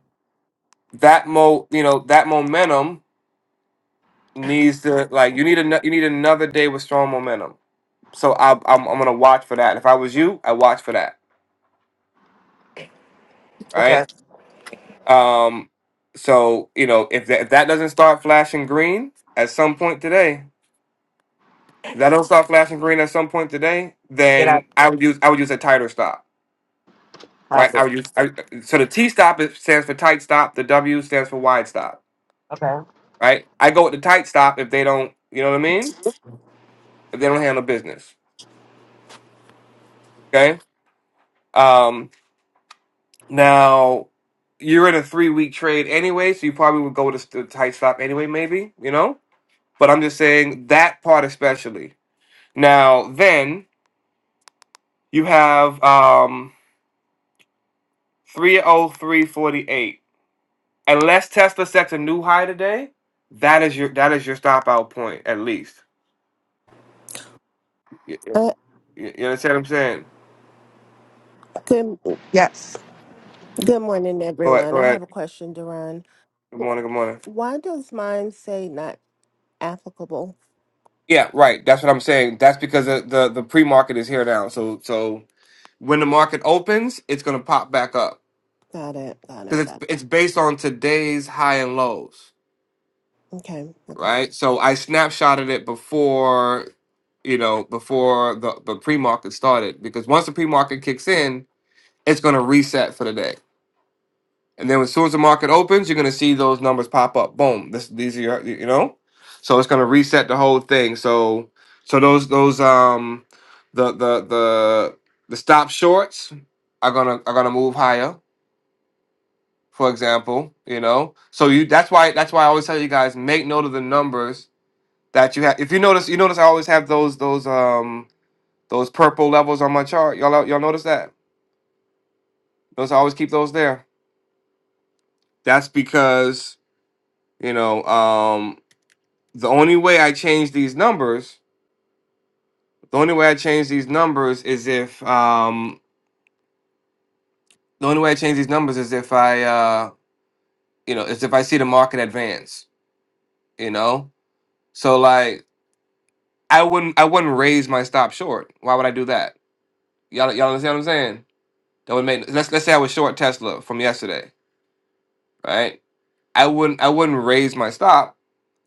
A: that mo, you know, that momentum needs to like you need an- you need another day with strong momentum. So I, I'm I'm gonna watch for that. If I was you, I watch for that, right?
D: Okay.
A: Um, so you know if that, if that doesn't start flashing green at some point today, if that don't start flashing green at some point today,
D: Get out.
A: then I would use I would use a tighter stop right?
D: Copy.
A: I would use I, so the T stop is, stands for tight stop. The W stands for wide stop,
D: Okay.
A: right? I go with the tight stop if they don't, you know what I mean? If they don't handle business, okay? Um, now you're in a three week trade anyway, so you probably would go with the, tight stop anyway, maybe, you know. But I'm just saying that part especially. Now then you have um 30348. Unless Tesla sets a new high today, that is your that is your stop out point at least.
G: Uh,
A: You, you understand what I'm saying?
G: good,
D: Yes.
G: good morning,
A: Go ahead. Go
G: everyone. I
A: ahead.
G: have a question, Duran.
A: Good
G: Wh-
A: morning. Good morning.
G: Why does mine say not applicable?
A: Yeah, right. That's what I'm saying. That's because the the, the pre market is here now. So so when the market opens, it's gonna pop back up
G: Got it, got it,
A: because it's
G: got it.
A: it's based on today's high and lows,
G: Okay, okay.
A: right? So I snapshotted it before you know before the the pre market started because once the pre market kicks in, it's gonna reset for the day. And then as soon as the market opens, you're gonna see those numbers pop up. Boom. This these are your, you know? So it's gonna reset the whole thing. So so those those um the the the the stop shorts are gonna are gonna move higher, for example, you know. So you that's why that's why I always tell you guys make note of the numbers that you have. If you notice you notice I always have those those um those purple levels on my chart. Y'all y'all notice that? Those I always keep those there. That's because you know um. the only way I change these numbers, the only way I change these numbers is if um the only way I change these numbers is if I uh you know is if I see the market advance, you know? So like I wouldn't I wouldn't raise my stop short. Why would I do that? Y'all y'all understand what I'm saying? That would make let's let's say I was short Tesla from yesterday, right? I wouldn't I wouldn't raise my stop.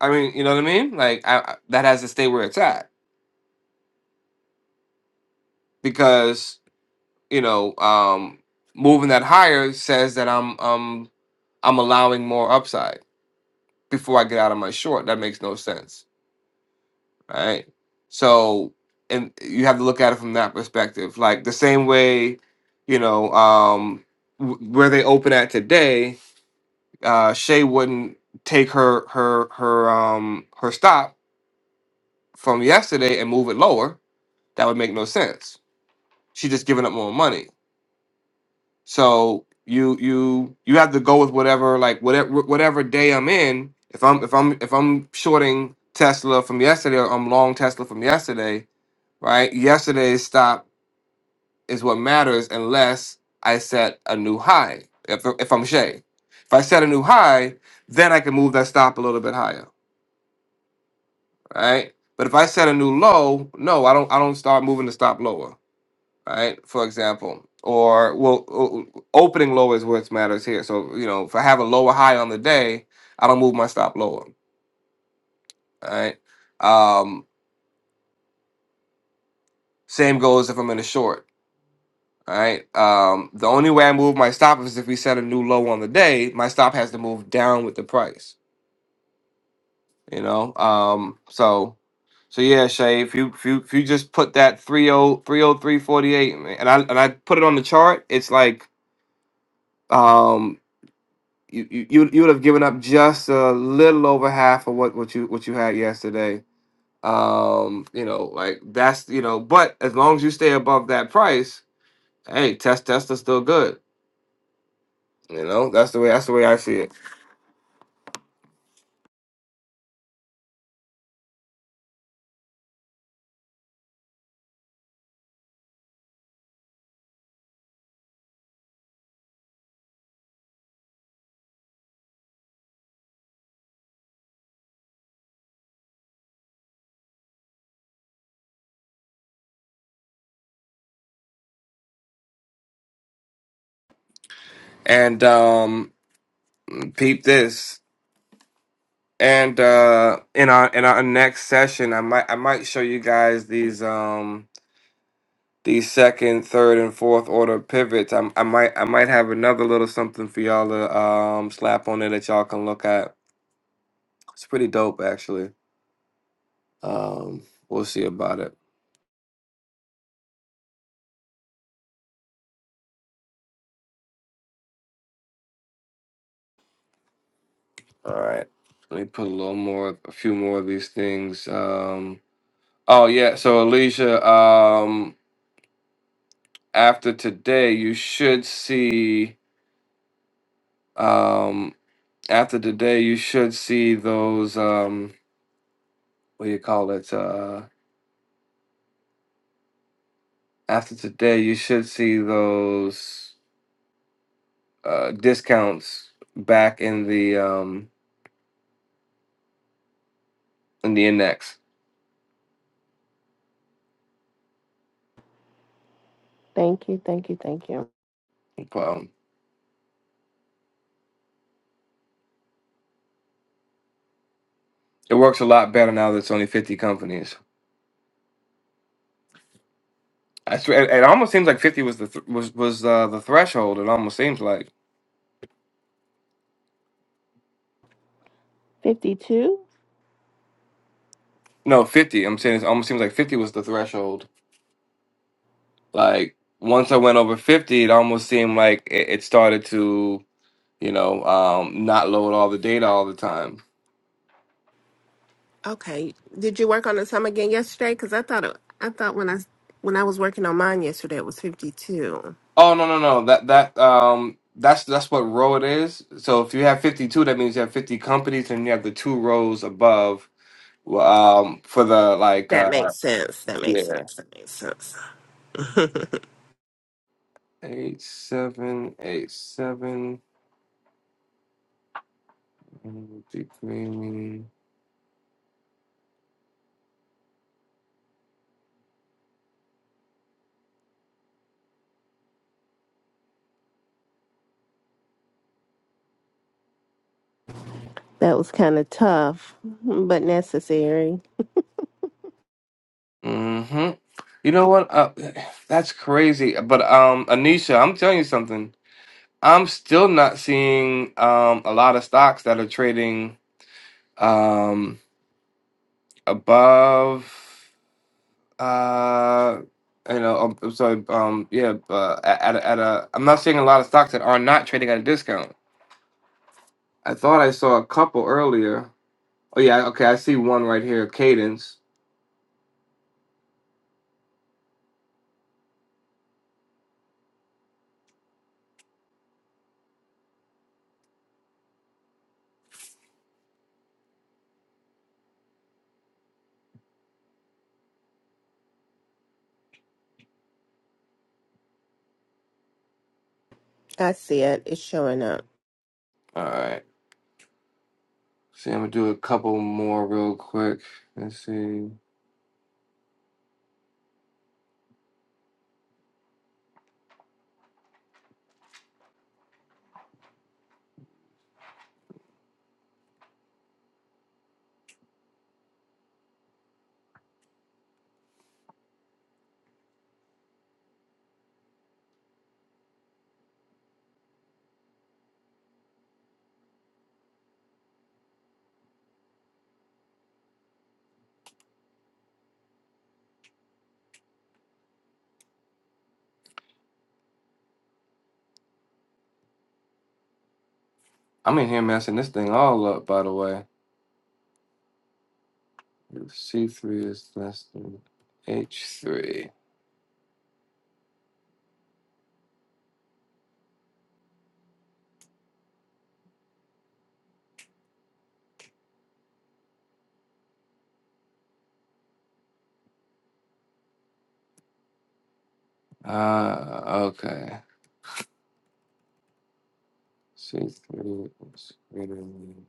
A: I mean, you know what I mean? Like I, I- that has to stay where it's at because you know, um, moving that higher says that I'm I'm I'm allowing more upside before I get out of my short. That makes no sense, right? So, and you have to look at it from that perspective. Like the same way, you know, um, w- where they open at today, uh, Shay wouldn't take her her her um her stop from yesterday and move it lower. That would make no sense. She's just giving up more money So you you you have to go with whatever like whatever whatever day I'm in. If I'm if I'm if I'm shorting Tesla from yesterday, or I'm long Tesla from yesterday, right? Yesterday's stop is what matters unless I set a new high. If if I'm Shay, if I set a new high, then I can move that stop a little bit higher, right? But if I set a new low, no, I don't. I don't start moving the stop lower. right? For example, or well, o- opening lower is what matters here. So you know, if I have a lower high on the day, I don't move my stop lower, all right? Um, same goes if I'm in a short, all right? Um, the only way I move my stop is if we set a new low on the day. My stop has to move down with the price, you know. Um, so. So yeah, Shay, if you if you if you just put that three o three o three forty eight, man, and I and I put it on the chart, it's like um, you you you you would have given up just a little over half of what what you what you had yesterday. Um, you know, like that's you know, but as long as you stay above that price, hey, test testers still good. You know, that's the way that's the way I see it. And um, peep this. And uh, in our in our next session, I might I might show you guys these um these second, third, and fourth order pivots. I, I might I might have another little something for y'all to um slap on there that y'all can look at It's pretty dope, actually. Um, we'll see about it. All right. Let me put a little more, a few more of these things. Um, oh yeah. So Alicia, um, after today, you should see. Um, after today, you should see those. Um, what do you call it? Uh, after today, you should see those uh, discounts back in the um, in the index.
G: Thank you, thank you, thank you.
A: Um, it works a lot better now that it's only fifty companies. I swear, it, it almost seems like fifty was the th- was was uh, the threshold. It almost seems like
G: 52?
A: no fifty. I'm saying it almost seems like fifty was the threshold. Like once I went over fifty, it almost seemed like it, it started to you know um, not load all the data all the time.
G: Okay. Did you work on the sum again yesterday? Because I thought it, I thought when I when I was working on mine yesterday, it was 52.
A: Oh no no no that that um that's that's what row it is. So if you have fifty two, that means you have fifty companies, and you have the two rows above Well, um for the like
G: That
A: uh
G: makes sense. That makes
A: yeah
G: sense. That makes sense. *laughs*
A: eight seven eight seven. Deep cleaning.
G: that was kind of tough, but necessary.
A: hmm You know what? Uh, that's crazy. But um, Anisha, I'm telling you something. I'm still not seeing um a lot of stocks that are trading um above uh you know um, I'm sorry um yeah uh, at at a, at a I'm not seeing a lot of stocks that are not trading at a discount. I thought I saw a couple earlier. Oh yeah, okay, I see one right here, Cadence.
G: I see it. It's showing up.
A: All right. See, I'm gonna do a couple more real quick. Let's see. I'm in here messing this thing all up, by the way. C3 is less than H3. Ah, okay. C3 is greater than.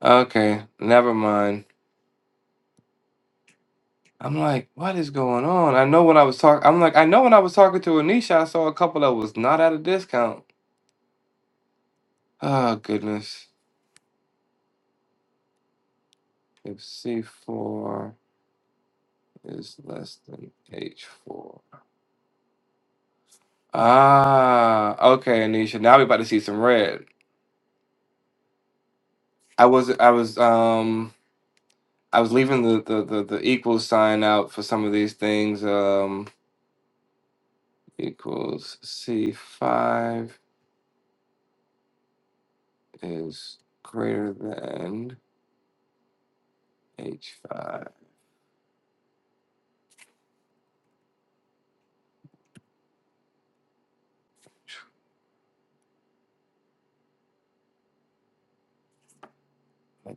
A: Okay, never mind. I'm like, what is going on? I know when I was talking, I'm like, I know when I was talking to Anisha, I saw a couple that was not at a discount. Oh, goodness. If C4 is less than H4. Ah, okay, Anisha. Now we about to see some red. I was I was um I was leaving the the the, the equals sign out for some of these things. Um equals C five is greater than H five.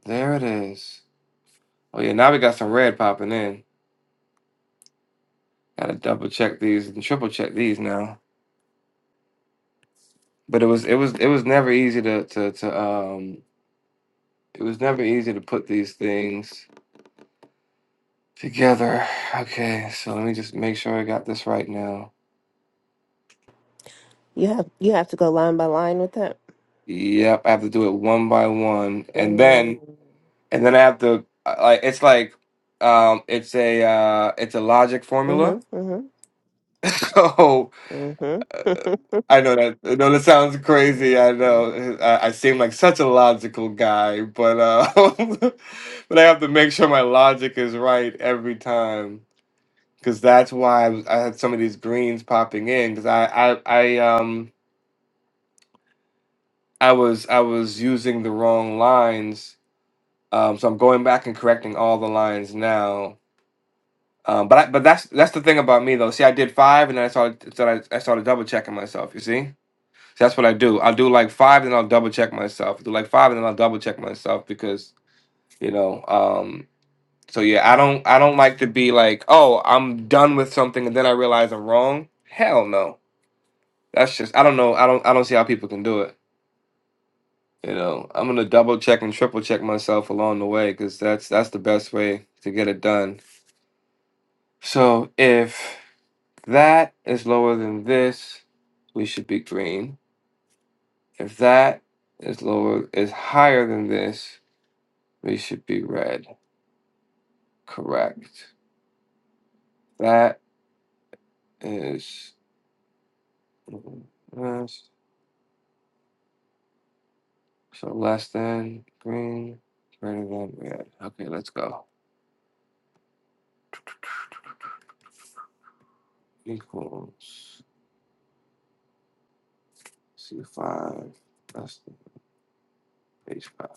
A: There it is. Oh yeah, now we got some red popping in. Gotta double check these and triple check these now. But it was it was it was never easy to to to um it was never easy to put these things. Together. Okay, so let me just make sure I got this right now.
G: You have you have to go line by line with it.
A: Yep, I have to do it one by one, and then
G: Mm.
A: and then I have to uh, like it's like um it's a uh it's a logic formula. *laughs*
G: Mm-hmm.
A: So
G: Mm-hmm.
A: I know that I know that sounds crazy. I
G: Mm-hmm.
A: know I, I seem like such a logical guy, but uh *laughs* but I have to make sure my logic is right every time because that's why I, was- I had some of these greens popping in because I I I um. I was I was using the wrong lines, um, so I'm going back and correcting all the lines now. Um, but I, but that's that's the thing about me though. See, I did five, and then I started so I, I started double checking myself. You see, so that's what I do. I'll do like five, then I'll double check myself. do like five, and then I'll double check myself because you know. Um, so yeah, I don't I don't like to be like, oh, I'm done with something, and then I realize I'm wrong. Hell no. That's just I don't know. I don't I don't see how people can do it. You know, I'm gonna double check and triple check myself along the way because that's that's the best way to get it done. So if that is lower than this, we should be green. If that is lower is higher than this, we should be red. Correct. That is less, so less than green, greater than red. Okay, let's go. Equals C five. That's the page five.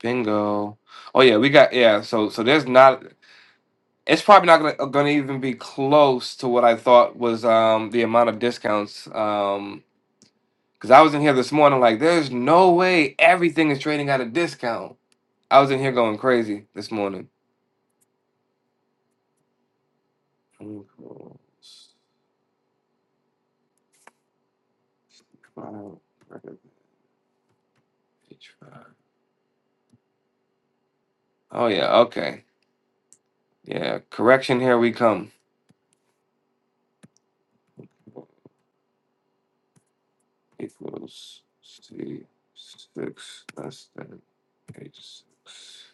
A: Bingo. Oh yeah, we got yeah. So so there's not. It's probably not gonna gonna even be close to what I thought was um the amount of discounts um because I was in here this morning like there's no way everything is trading at a discount. I was in here going crazy this morning. Oh yeah. Okay. Yeah. Correction. Here we come. Equals C six less than H six.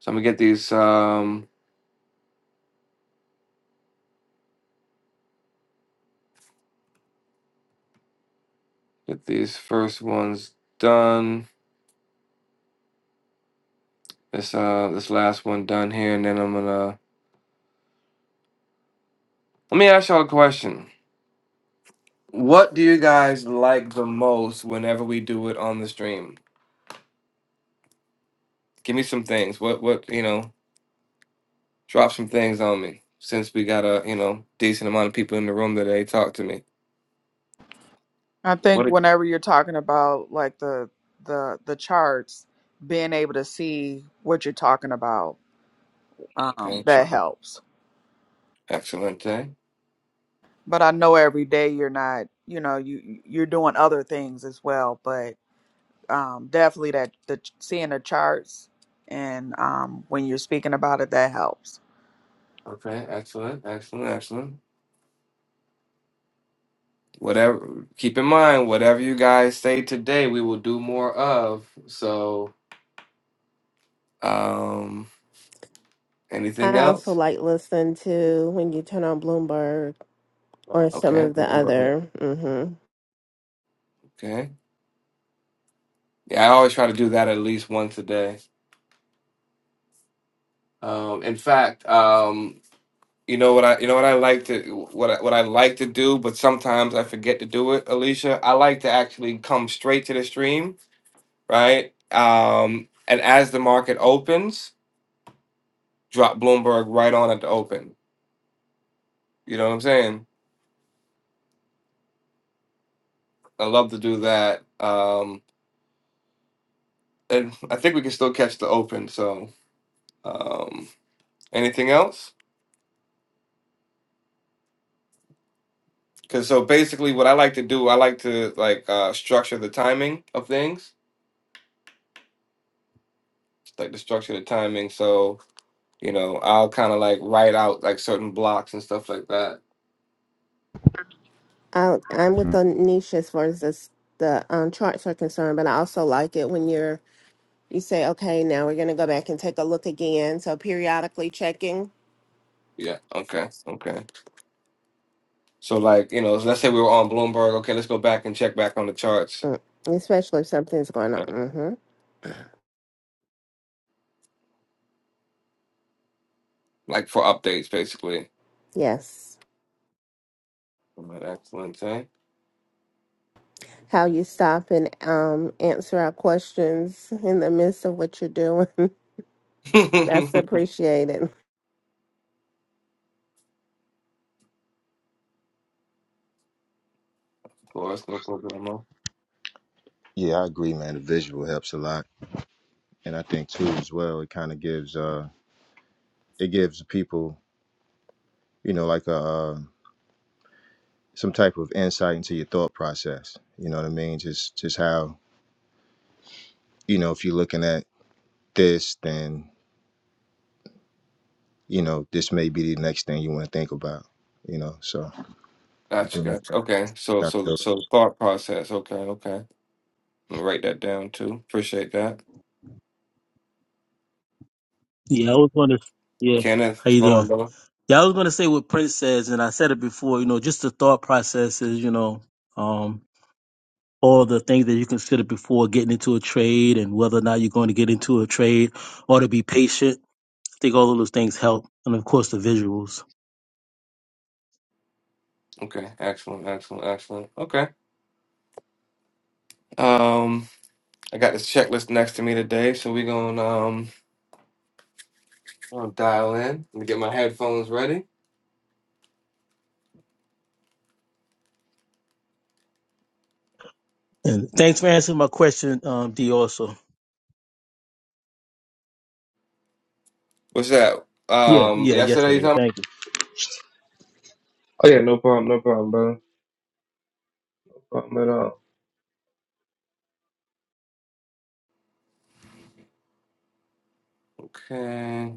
A: So I'm gonna get these um get these first ones done. This uh this last one done here, and then I'm gonna let me ask y'all a question. What do you guys like the most whenever we do it on the stream? Give me some things. What what you know, drop some things on me. Since we got a you know decent amount of people in the room today, talk to me.
C: I
A: What?
C: think
A: A,
C: whenever you're talking about like the the the charts, being able to see what you're talking about, um,
A: okay,
C: that
A: sure.
C: helps.
A: excellent day.
C: But I know every day you're not, you know, you you're doing other things as well, but um definitely that the seeing the charts and um when you're speaking about it that helps.
A: Okay, excellent, excellent, excellent. whatever keep in mind whatever you guys say today we will do more of so um
G: *laughs*
A: anything
G: I also
A: else
G: like listen to when you turn on Bloomberg or some
A: okay
G: of the
A: Bloomberg,
G: other. Mm-hmm.
A: okay yeah i always try to do that at least once a day um in fact um you know what i you know what i like to what I, what i like to do but sometimes i forget to do it alicia i like to actually come straight to the stream right um and as the market opens drop bloomberg right on at the open you know what i'm saying I love to do that. Um, and I think we can still catch the open. So, um, anything else? Because so basically, what I like to do, I like to like uh, structure the timing of things, like the structure the timing. So you know, I'll kind of like write out like certain blocks and stuff like that.
G: I, I'm with the niche as far as this, the um, charts are concerned, but I also like it when you're you say, okay, now we're gonna go back and take a look again. So periodically checking,
A: Yeah. Okay. Okay. So like you know, let's say we were on Bloomberg. Okay, let's go back and check back on the charts,
G: mm. especially if something's going on.
A: right?
G: Mm-hmm.
A: Like for updates, basically.
G: Yes.
A: All right, excellent. Eh?
G: How you stop and um, answer our questions in the midst of what you're doing.
A: *laughs*
G: That's
A: of
G: appreciated.
A: course, no problem. huh?
B: Yeah, I agree, man. The visual helps a lot, and I think too as well. It kind of gives uh, it gives people, you know, like a uh, some type of insight into your thought process. You know what I mean? Just just how you know if you're looking at this, then you know this may be the next thing you want to think about. You know, so I
A: Gotcha,
B: think that's
A: gotcha. Okay. So
B: kind of
A: so so thought process. Okay, okay. I'm gonna write that down too. Appreciate that.
H: Yeah, I was gonna. Yeah,
A: Kenneth,
H: how
A: what's
H: you
A: going
H: doing?
A: on, brother?
H: Yeah, I was gonna say what Prince says, and I said it before. You know, just the thought process is, you know, um, all the things that you consider before getting into a trade, and whether or not you're going to get into a trade, or to be patient. I think all of those things help, and of course the visuals.
A: Okay, excellent, excellent, excellent. Okay. Um, I got this checklist next to me today, so we're gonna um I'm gonna dial in. Let me get my headphones ready.
H: And thanks for answering my question, um, D. Also.
A: What's that?
H: Yeah,
A: Um
H: yeah,
A: yesterday you
H: yesterday.
A: talking
H: Thank you.
A: Oh yeah, no problem, no problem, brother. No problem at all. Okay.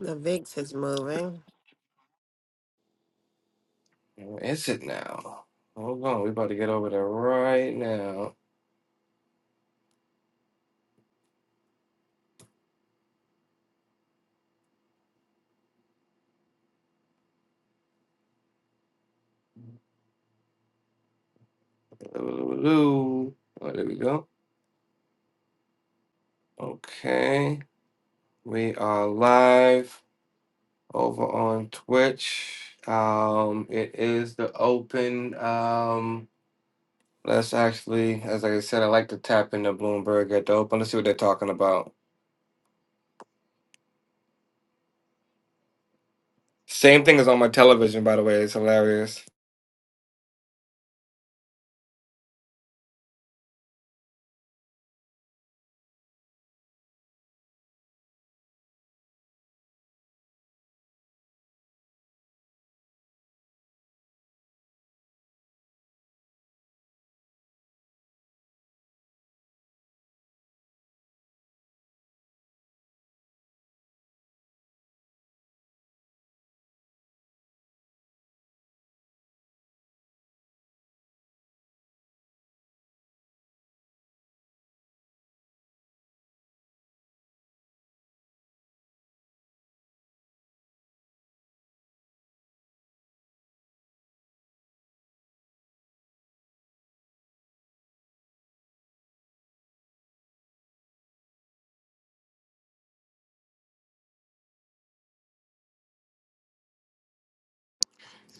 G: The VIX is moving.
A: Where is it now? Hold on, we about to get over there right now. Ooh, there we go. Okay, we are live over on Twitch. Um, it is the open. Um, let's actually, as I said, I like to tap into Bloomberg at the open. Let's see what they're talking about. Same thing is on my television, by the way. It's hilarious.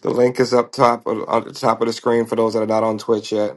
A: The link is up top uh, on the top of the screen for those that are not on Twitch yet.